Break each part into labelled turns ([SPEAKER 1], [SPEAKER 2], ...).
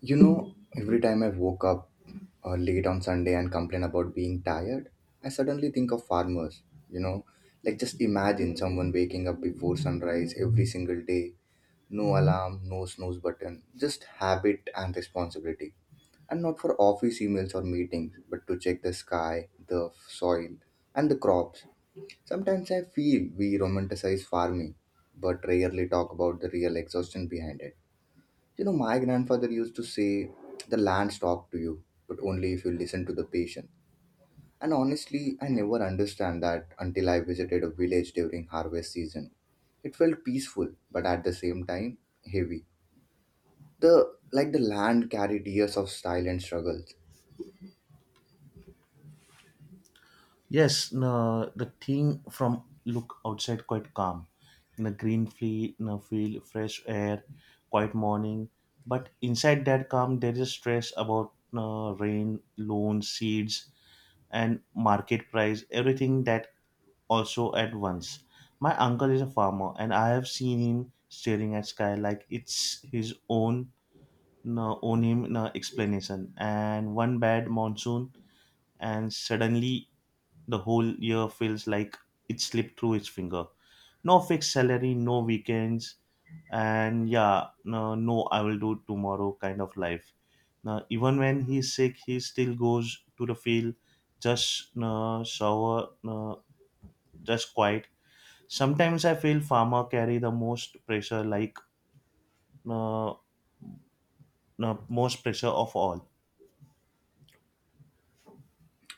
[SPEAKER 1] You know, every time I woke up late on Sunday and complain about being tired, I suddenly think of farmers. You know, like just imagine someone waking up before sunrise every single day, no alarm, no snooze button, just habit and responsibility. And not for office emails or meetings, but to check the sky, the soil, and the crops. Sometimes I feel we romanticize farming, but rarely talk about the real exhaustion behind it. You know, my grandfather used to say, the lands talk to you, but only if you listen to the patient. And honestly, I never understand that until I visited a village during harvest season. It felt peaceful, but at the same time, heavy. The land carried years of silent struggles.
[SPEAKER 2] Yes, no, the thing from look outside quite calm. In a green fle- no field, fresh air, quiet morning. But inside that calm, there is stress about no, rain, loans, seeds, and market price. Everything that also at once. My uncle is a farmer, and I have seen him staring at sky like it's his own no, on him no explanation. And one bad monsoon, and suddenly the whole year feels like it slipped through his finger. No fixed salary, no weekends, and yeah, no, no, I will do tomorrow kind of life. Now, even when he's sick, he still goes to the field, just no, shower, no, just quiet. Sometimes I feel farmer carry the most pressure, like no, no, most pressure of all.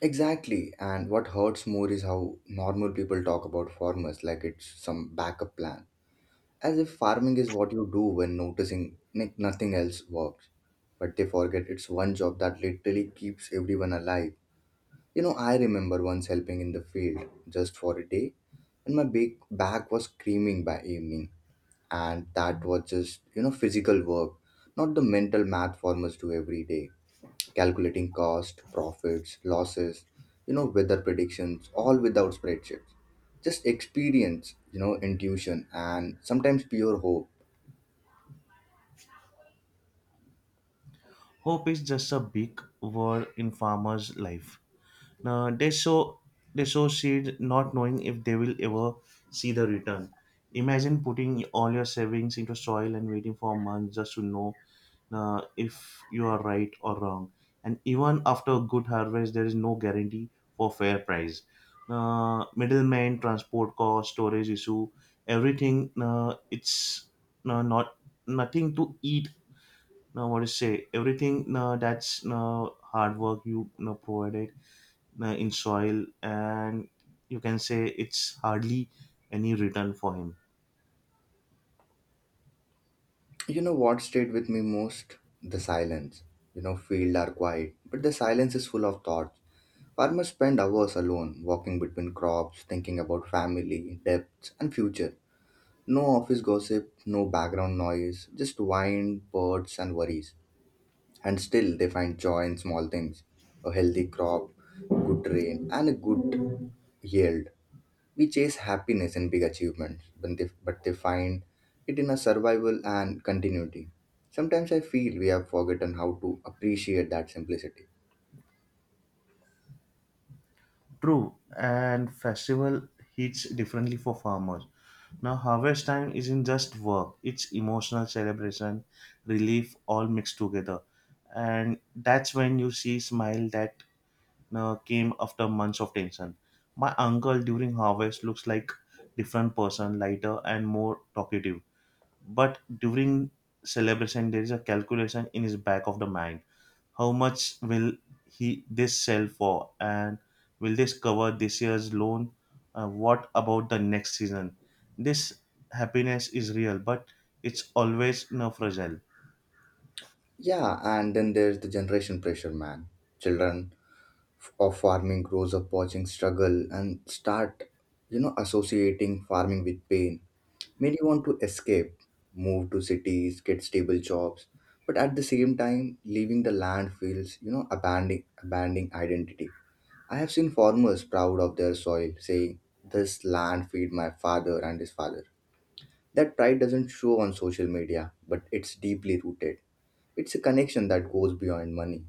[SPEAKER 1] Exactly, and what hurts more is how normal people talk about farmers like it's some backup plan. As if farming is what you do when noticing like nothing else works. But they forget it's one job that literally keeps everyone alive. You know, I remember once helping in the field just for a day, and my big back was screaming by evening. And that was just, you know, physical work, not the mental math farmers do every day. Calculating cost, profits, losses, you know, weather predictions, all without spreadsheets, just experience, you know, intuition, and sometimes pure hope.
[SPEAKER 2] Hope is just a big word in farmers' life. Now, they sow seed not knowing if they will ever see the return. Imagine putting all your savings into soil and waiting for months just to know if you are right or wrong. And even after a good harvest, there is no guarantee for fair price. Middlemen, transport cost, storage issue, everything. It's Not nothing to eat now what to say everything that's hard work you provided in soil and you can say it's hardly any return for him.
[SPEAKER 1] You know what stayed with me most? The silence. You know, fields are quiet, but the silence is full of thoughts. Farmers spend hours alone, walking between crops, thinking about family, debts, and future. No office gossip, no background noise, just wind, birds, and worries. And still, they find joy in small things: a healthy crop, good rain, and a good yield. We chase happiness and big achievements, but they find it in our survival and continuity. Sometimes I feel we have forgotten how to appreciate that simplicity.
[SPEAKER 2] True, and festival hits differently for farmers. Now harvest time isn't just work, it's emotional celebration, relief all mixed together, and that's when you see smile that came after months of tension. My uncle during harvest looks like different person, lighter and more talkative. But during celebration, there is a calculation in his back of the mind. How much will he this sell for, and will this cover this year's loan? What about the next season? This happiness is real, but it's always you fragile.
[SPEAKER 1] Yeah, and then there's the generation pressure, man. Children of farming grows up watching struggle and start, you know, associating farming with pain. Many want to escape, move to cities, get stable jobs, but at the same time, leaving the land feels, you know, abandoning identity. I have seen farmers proud of their soil, saying, "This land feed my father and his father." That pride doesn't show on social media, but it's deeply rooted. It's a connection that goes beyond money.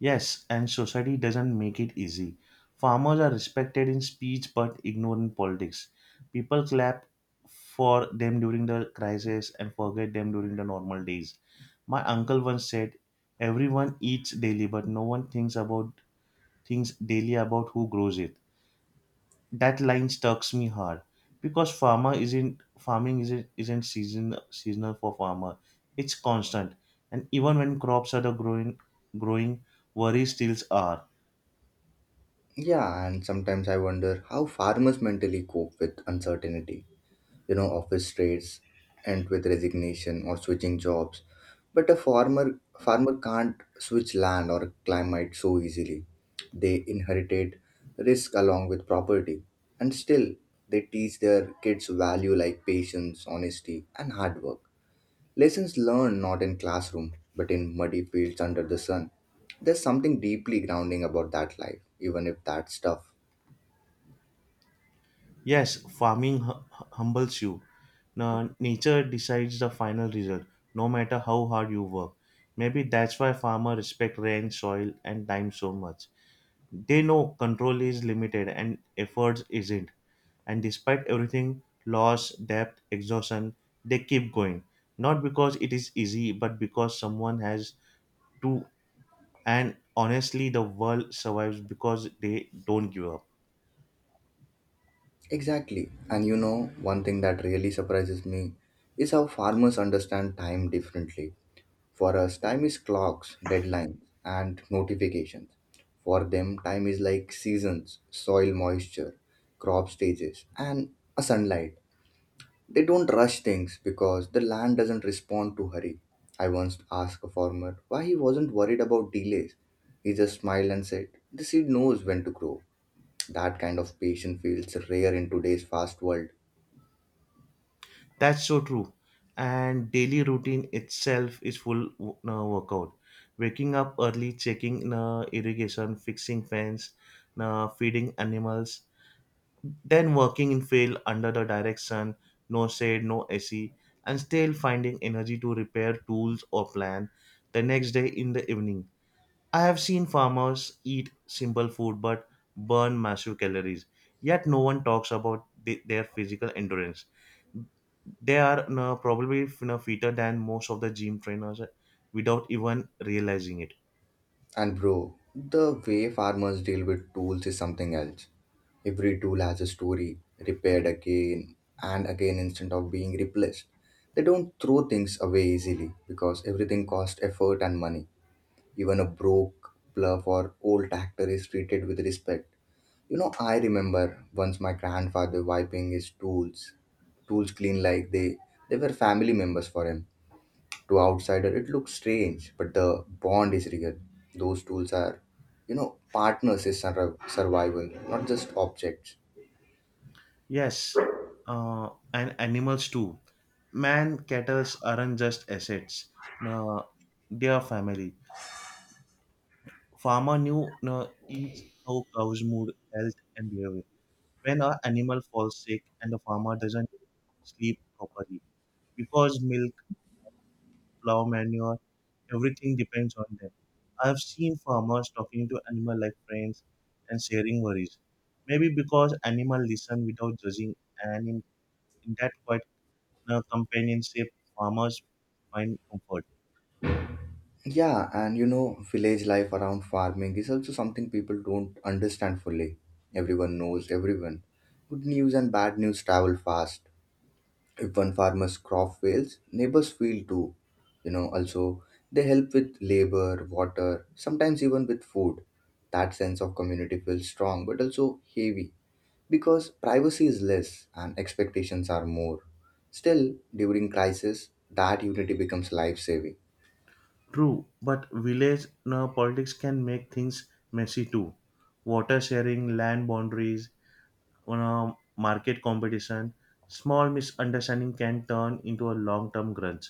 [SPEAKER 2] Yes, and society doesn't make it easy. Farmers are respected in speech but ignored in politics. People clap for them during the crisis and forget them during the normal days. My uncle once said, everyone eats daily, but no one thinks about things daily about who grows it. That line stucks me hard because farmer isn't farming isn't season seasonal for farmer. It's constant, and even when crops are the growing growing, worries still are.
[SPEAKER 1] Yeah, and sometimes I wonder how farmers mentally cope with uncertainty. You know, office trades and with resignation or switching jobs, but a farmer can't switch land or climate so easily. They inherited risk along with property, and still they teach their kids value like patience, honesty, and hard work, lessons learned not in classroom but in muddy fields under the sun. There's something deeply grounding about that life, even if that's tough.
[SPEAKER 2] Yes, farming humbles you. Nature decides the final result, no matter how hard you work. Maybe that's why farmers respect rain, soil, and time so much. They know control is limited and efforts isn't. And despite everything, loss, debt, exhaustion, they keep going. Not because it is easy, but because someone has to. And honestly, the world survives because they don't give up.
[SPEAKER 1] Exactly. And you know, one thing that really surprises me is how farmers understand time differently. For us, time is clocks, deadlines, and notifications. For them, time is like seasons, soil moisture, crop stages, and a sunlight. They don't rush things because the land doesn't respond to hurry. I once asked a farmer why he wasn't worried about delays. He just smiled and said, "The seed knows when to grow." That kind of patience feels rare in today's fast world.
[SPEAKER 2] That's so true. And daily routine itself is full workout. Waking up early, checking irrigation, fixing fence, feeding animals, then working in field under the direct sun, no shade, no AC, and still finding energy to repair tools or plan the next day in the evening. I have seen farmers eat simple food but burn massive calories. Yet no one talks about the, their physical endurance. They are probably fitter than most of the gym trainers without even realizing it.
[SPEAKER 1] And bro, the way farmers deal with tools is something else. Every tool has a story, repaired again and again instead of being replaced. They don't throw things away easily because everything costs effort and money. Even a broke plough or old tractor is treated with respect. You know, I remember once my grandfather wiping his tools clean like they were family members for him. To outsider it looks strange, but the bond is real. Those tools are, you know, partners is sur- survival, not just objects.
[SPEAKER 2] Yes, and animals too, man. Cattle aren't just assets, uh, they are family. Farmer knew each how cows mood health and behavior. When an animal falls sick and the farmer doesn't sleep properly, because milk, plow, manure, everything depends on them. I have seen farmers talking to animal like friends and sharing worries. Maybe because animal listen without judging, and in that quiet companionship, farmers find comfort.
[SPEAKER 1] Yeah, and you know, village life around farming is also something people don't understand fully. Everyone knows everyone, good news and bad news travel fast. If one farmer's crop fails, neighbors feel too, you know. Also, they help with labor, water, sometimes even with food. That sense of community feels strong, but also heavy, because privacy is less and expectations are more. Still, during crisis, that unity becomes life saving.
[SPEAKER 2] True, but village politics can make things messy too. Water sharing, land boundaries, on a market competition, small misunderstanding can turn into a long-term grudge,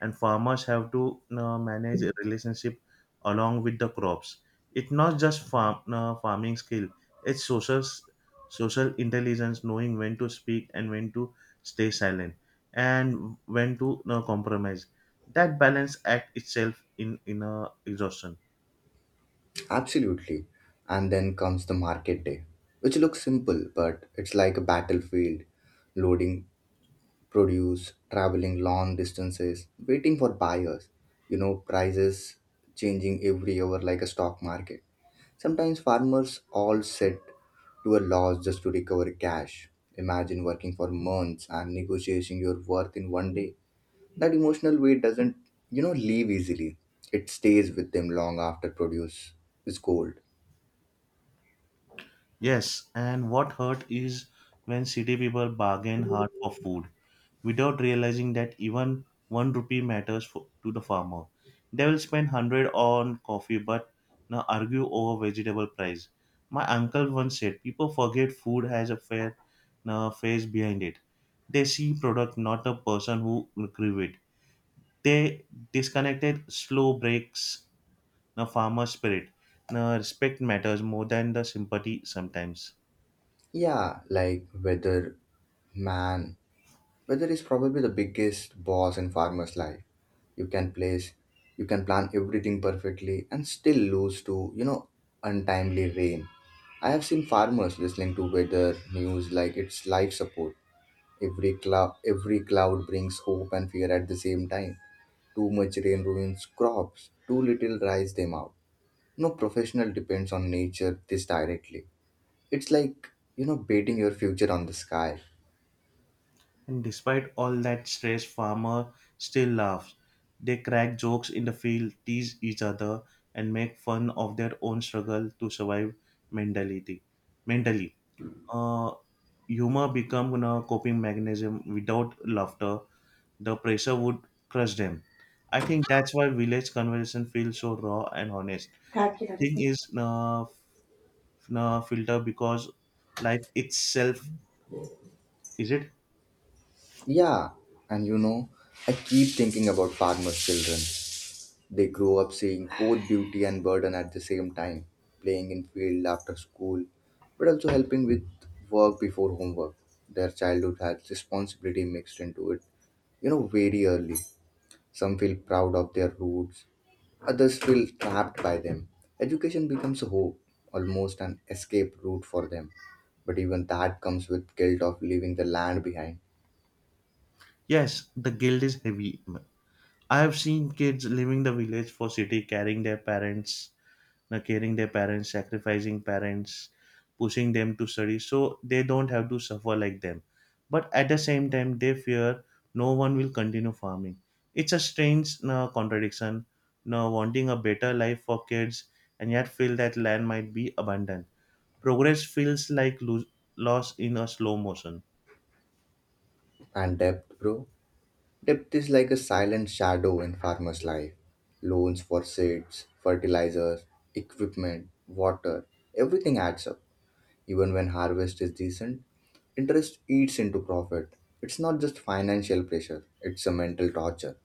[SPEAKER 2] and farmers have to manage a relationship along with the crops. It's not just farming skill; it's social intelligence, knowing when to speak and when to stay silent, and when to compromise. That balance act itself in a exhaustion.
[SPEAKER 1] Absolutely. And then comes the market day, which looks simple, but it's like a battlefield: loading produce, traveling long distances, waiting for buyers, you know, prices changing every hour like a stock market. Sometimes farmers all sit to a loss just to recover cash. Imagine working for months and negotiating your worth in one day. That emotional weight doesn't, you know, leave easily. It stays with them long after produce is cold.
[SPEAKER 2] Yes, and what hurt is when city people bargain hard for food without realizing that even one rupee matters for, to the farmer. They will spend hundred on coffee but now argue over vegetable price. My uncle once said people forget food has a fair now face behind it. They see product not a person who grew it. They disconnected slow breaks the farmer spirit. Now respect matters more than the sympathy sometimes.
[SPEAKER 1] Yeah, like whether, man. Weather is probably the biggest boss in farmer's life. You can place, you can plan everything perfectly and still lose to, you know, untimely rain. I have seen farmers listening to weather news like it's life support. Every cloud brings hope and fear at the same time. Too much rain ruins crops. Too little dries them out. No professional depends on nature this directly. It's like, you know, betting your future on the sky.
[SPEAKER 2] And despite all that stress, farmer still laughs. They crack jokes in the field, tease each other, and make fun of their own struggle to survive mentality. Mentally, uh, humor become a coping mechanism. Without laughter, the pressure would crush them. I think that's why village conversation feels so raw and honest. Thing is, na na filter because life itself is it?
[SPEAKER 1] Yeah, and you know, I keep thinking about farmers' children. They grow up seeing both beauty and burden at the same time, playing in field after school, but also helping with work before homework. Their childhood has responsibility mixed into it, you know, very early. Some feel proud of their roots, others feel trapped by them. Education becomes a hope, almost an escape route for them. But even that comes with guilt of leaving the land behind.
[SPEAKER 2] Yes, the guilt is heavy. I have seen kids leaving the village for city, carrying their parents, sacrificing parents, pushing them to study, so they don't have to suffer like them. But at the same time, they fear no one will continue farming. It's a strange contradiction, wanting a better life for kids and yet feel that land might be abandoned. Progress feels like loss in a slow motion.
[SPEAKER 1] And debt, bro. Debt is like a silent shadow in farmers' life. Loans for seeds, fertilizers, equipment, water, everything adds up. Even when harvest is decent, interest eats into profit. It's not just financial pressure, it's a mental torture.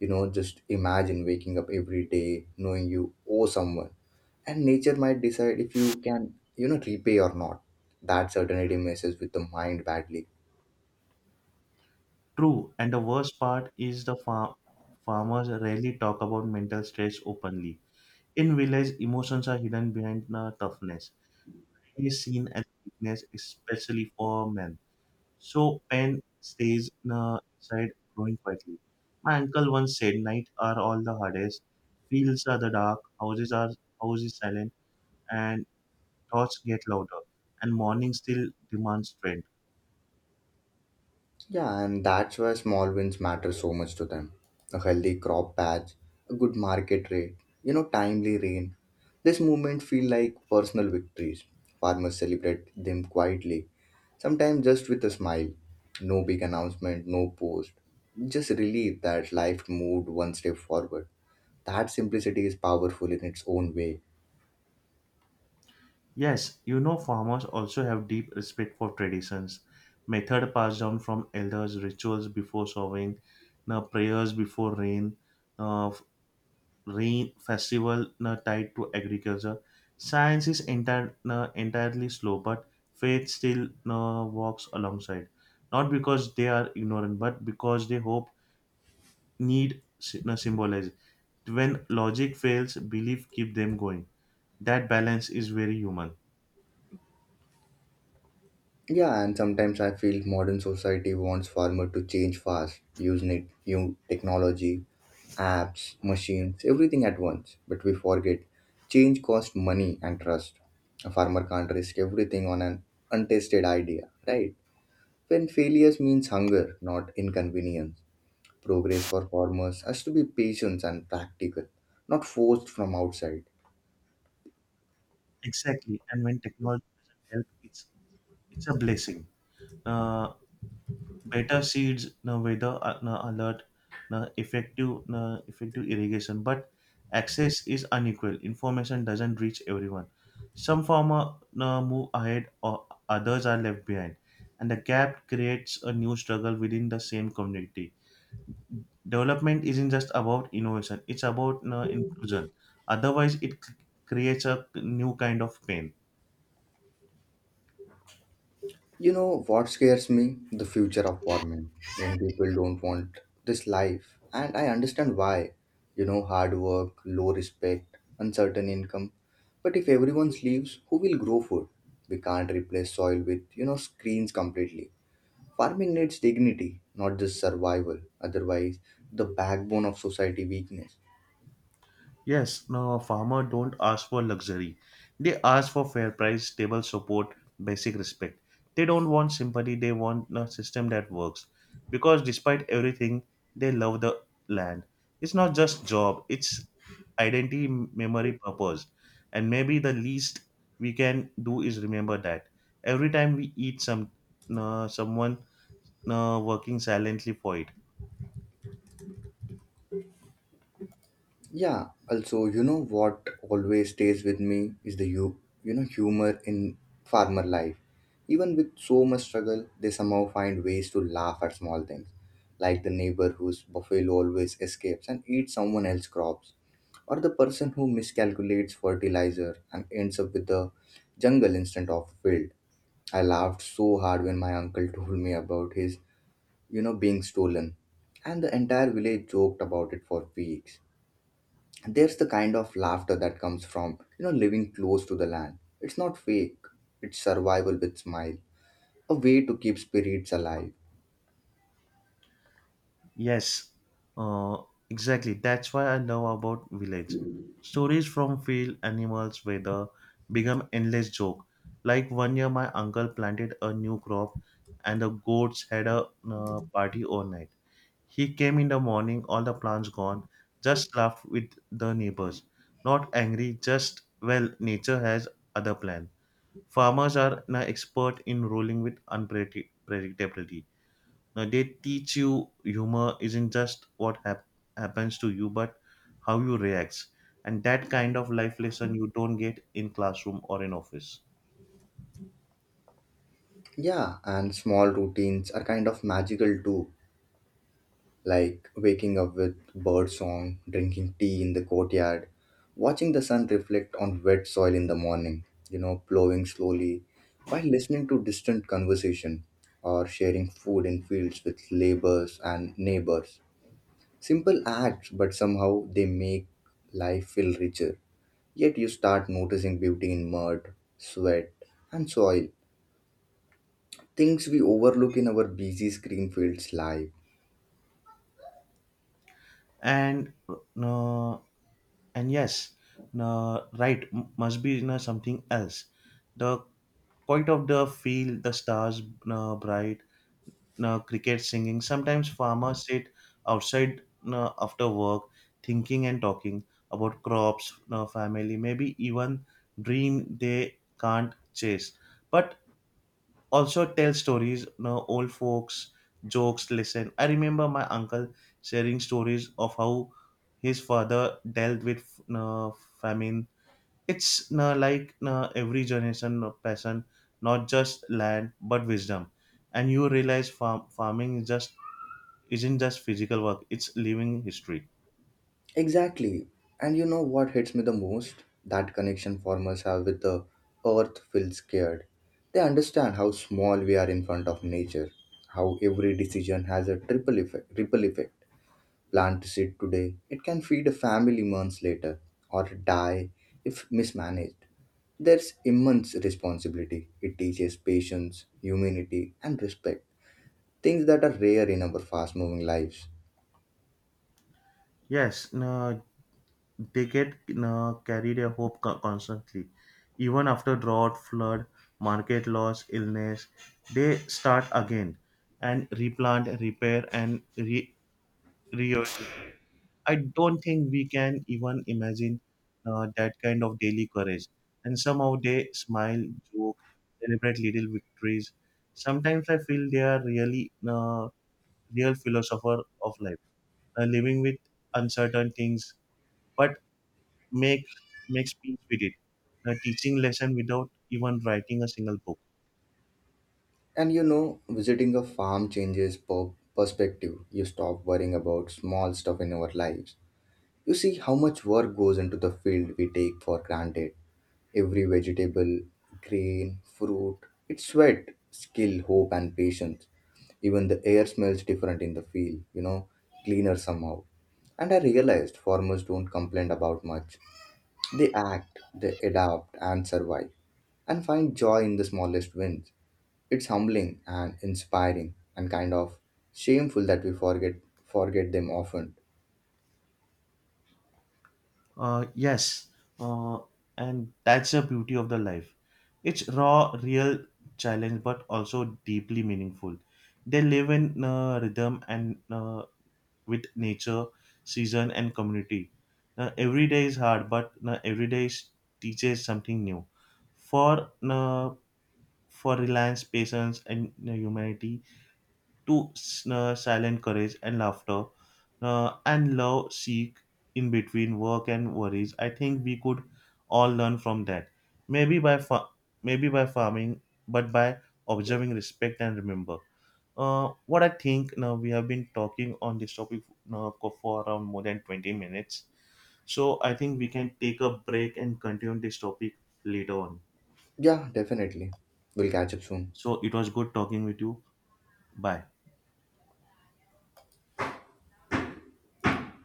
[SPEAKER 1] You know, just imagine waking up every day knowing you owe someone, and nature might decide if you can, you know, repay or not. That certainty messes with the mind badly.
[SPEAKER 2] True, and the worst part is the farmers rarely talk about mental stress openly. In village, emotions are hidden behind the toughness. It is seen as weakness, especially for men. So pain stays in inside, growing quietly. My uncle once said, "Night are all the hardest. Fields are the dark. Houses are houses silent, and thoughts get louder. And morning still demands strength."
[SPEAKER 1] Yeah, and that's why small wins matter so much to them. A healthy crop patch, a good market rate, you know, timely rain. This movement feel like personal victories. Farmers celebrate them quietly, sometimes just with a smile. No big announcement, no post. Just relief that life moved one step forward. That simplicity is powerful in its own way.
[SPEAKER 2] Yes, you know, farmers also have deep respect for traditions, method passed down from elders, rituals before sowing, na prayers before rain, na f- rain festival na tied to agriculture. Science is entire, na entirely slow, but faith still na walks alongside. Not because they are ignorant, but because they hope need na symbolize. When logic fails, belief keep them going. That balance is very human.
[SPEAKER 1] Yeah, and sometimes I feel modern society wants farmer to change fast, use net, new technology, apps, machines, everything at once. But we forget change costs money and trust. A farmer can't risk everything on an untested idea, right? When failures means hunger, not inconvenience. Progress for farmers has to be patient and practical, not forced from outside.
[SPEAKER 2] Exactly, and when technology doesn't help, it's a blessing. Uh, Better seeds, no weather no alert, no effective irrigation, but access is unequal. Information doesn't reach everyone. Some farmer no, move ahead, or others are left behind, and the gap creates a new struggle within the same community. Development isn't just about innovation; it's about no, inclusion. Otherwise, creates a new kind of pain.
[SPEAKER 1] You know what scares me? The future of farming. Young people don't want this life, and I understand why. You know, hard work, low respect, uncertain income. But if everyone leaves, who will grow food? We can't replace soil with, you know, screens completely. Farming needs dignity, not just survival. Otherwise, the backbone of society weakness.
[SPEAKER 2] Yes, no, farmer don't ask for luxury. They ask for fair price, stable support, basic respect. They don't want sympathy, they want a system that works. Because despite everything, they love the land. It's not just job, it's identity, memory, purpose. And maybe the least we can do is remember that. Every time we eat someone working silently for it.
[SPEAKER 1] Yeah, also, you know what always stays with me is the humor in farmer life. Even with so much struggle, they somehow find ways to laugh at small things, like the neighbor whose buffalo always escapes and eats someone else's crops, or the person who miscalculates fertilizer and ends up with the jungle instead of field. I laughed so hard when my uncle told me about his, you know, being stolen, and the entire village joked about it for weeks. There's the kind of laughter that comes from, you know, living close to the land. It's not fake, it's survival with smile, a way to keep spirits alive.
[SPEAKER 2] Yes, uh, exactly. That's why I love about village. Stories from field animals weather become endless joke. Like one year, my uncle planted a new crop, and the goats had a party all night. He came in the morning, all the plants gone. Just laughed with the neighbors, not angry. Just well, nature has other plan. Farmers are an expert in rolling with unpredictability. Now they teach you humor isn't just what happens to you, but how you react. And that kind of life lesson you don't get in classroom or in office.
[SPEAKER 1] Yeah, and small routines are kind of magical too, like waking up with bird song, drinking tea in the courtyard, watching the sun reflect on wet soil in the morning, you know, plowing slowly while listening to distant conversation, or sharing food in fields with laborers and neighbors. Simple acts, but somehow they make life feel richer. Yet you start noticing beauty in mud, sweat, and soil. Things we overlook in our busy screen fields life.
[SPEAKER 2] And uh, and yes, right must be something else. The point of the field, the stars bright, cricket singing. Sometimes farmers sit outside after work thinking and talking about crops, family, maybe even dream they can't chase. But also tell stories, old folks, jokes, listen. I remember my uncle sharing stories of how his father dealt with uh, famine. It's every generation of passion, not just land but wisdom. And you realize farming is just isn't just physical work; it's living history.
[SPEAKER 1] Exactly. And you know what hits me the most? That connection farmers have with the earth feels scared. They understand how small we are in front of nature, how every decision has a triple effect, ripple effect. Plant seed today, it can feed a family months later or die if mismanaged. There's immense responsibility. It teaches patience, humanity, and respect, things that are rare in our fast moving lives.
[SPEAKER 2] Yes, no, they get no, carry their hope constantly. Even after drought, flood, market loss, illness, they start again and replant, repair, and reorient. I don't think we can even imagine that kind of daily courage. And somehow they smile, joke, celebrate little victories. Sometimes I feel they are real philosopher of life, living with uncertain things, but make makes peace with it, teaching lesson without even writing a single book.
[SPEAKER 1] And you know, visiting a farm changes perspective. You stop worrying about small stuff in our lives. You see how much work goes into the field we take for granted. Every vegetable, grain, fruit, it's sweat, skill, hope, and patience. Even the air smells different in the field, you know, cleaner somehow. And I realized farmers don't complain about much. They act, they adapt and survive, and find joy in the smallest wins. It's humbling and inspiring and kind of shameful that we forget them often.
[SPEAKER 2] Yes, uh, and that's the beauty of the life. It's raw, real challenge, but also deeply meaningful. They live in rhythm and with nature, season, and community. Every day is hard, but teaches something new. For uh, for reliance, patience, and humanity, silent courage and laughter and love seek in between work and worries. I think we could all learn from that. maybe by fa- Maybe by farming, but by observing respect and remember. What I think now we have been talking on this topic now for around more than 20 minutes, so I think we can take a break and continue this topic later on.
[SPEAKER 1] Yeah, definitely. We'll catch up soon.
[SPEAKER 2] So it was good talking with you. Bye.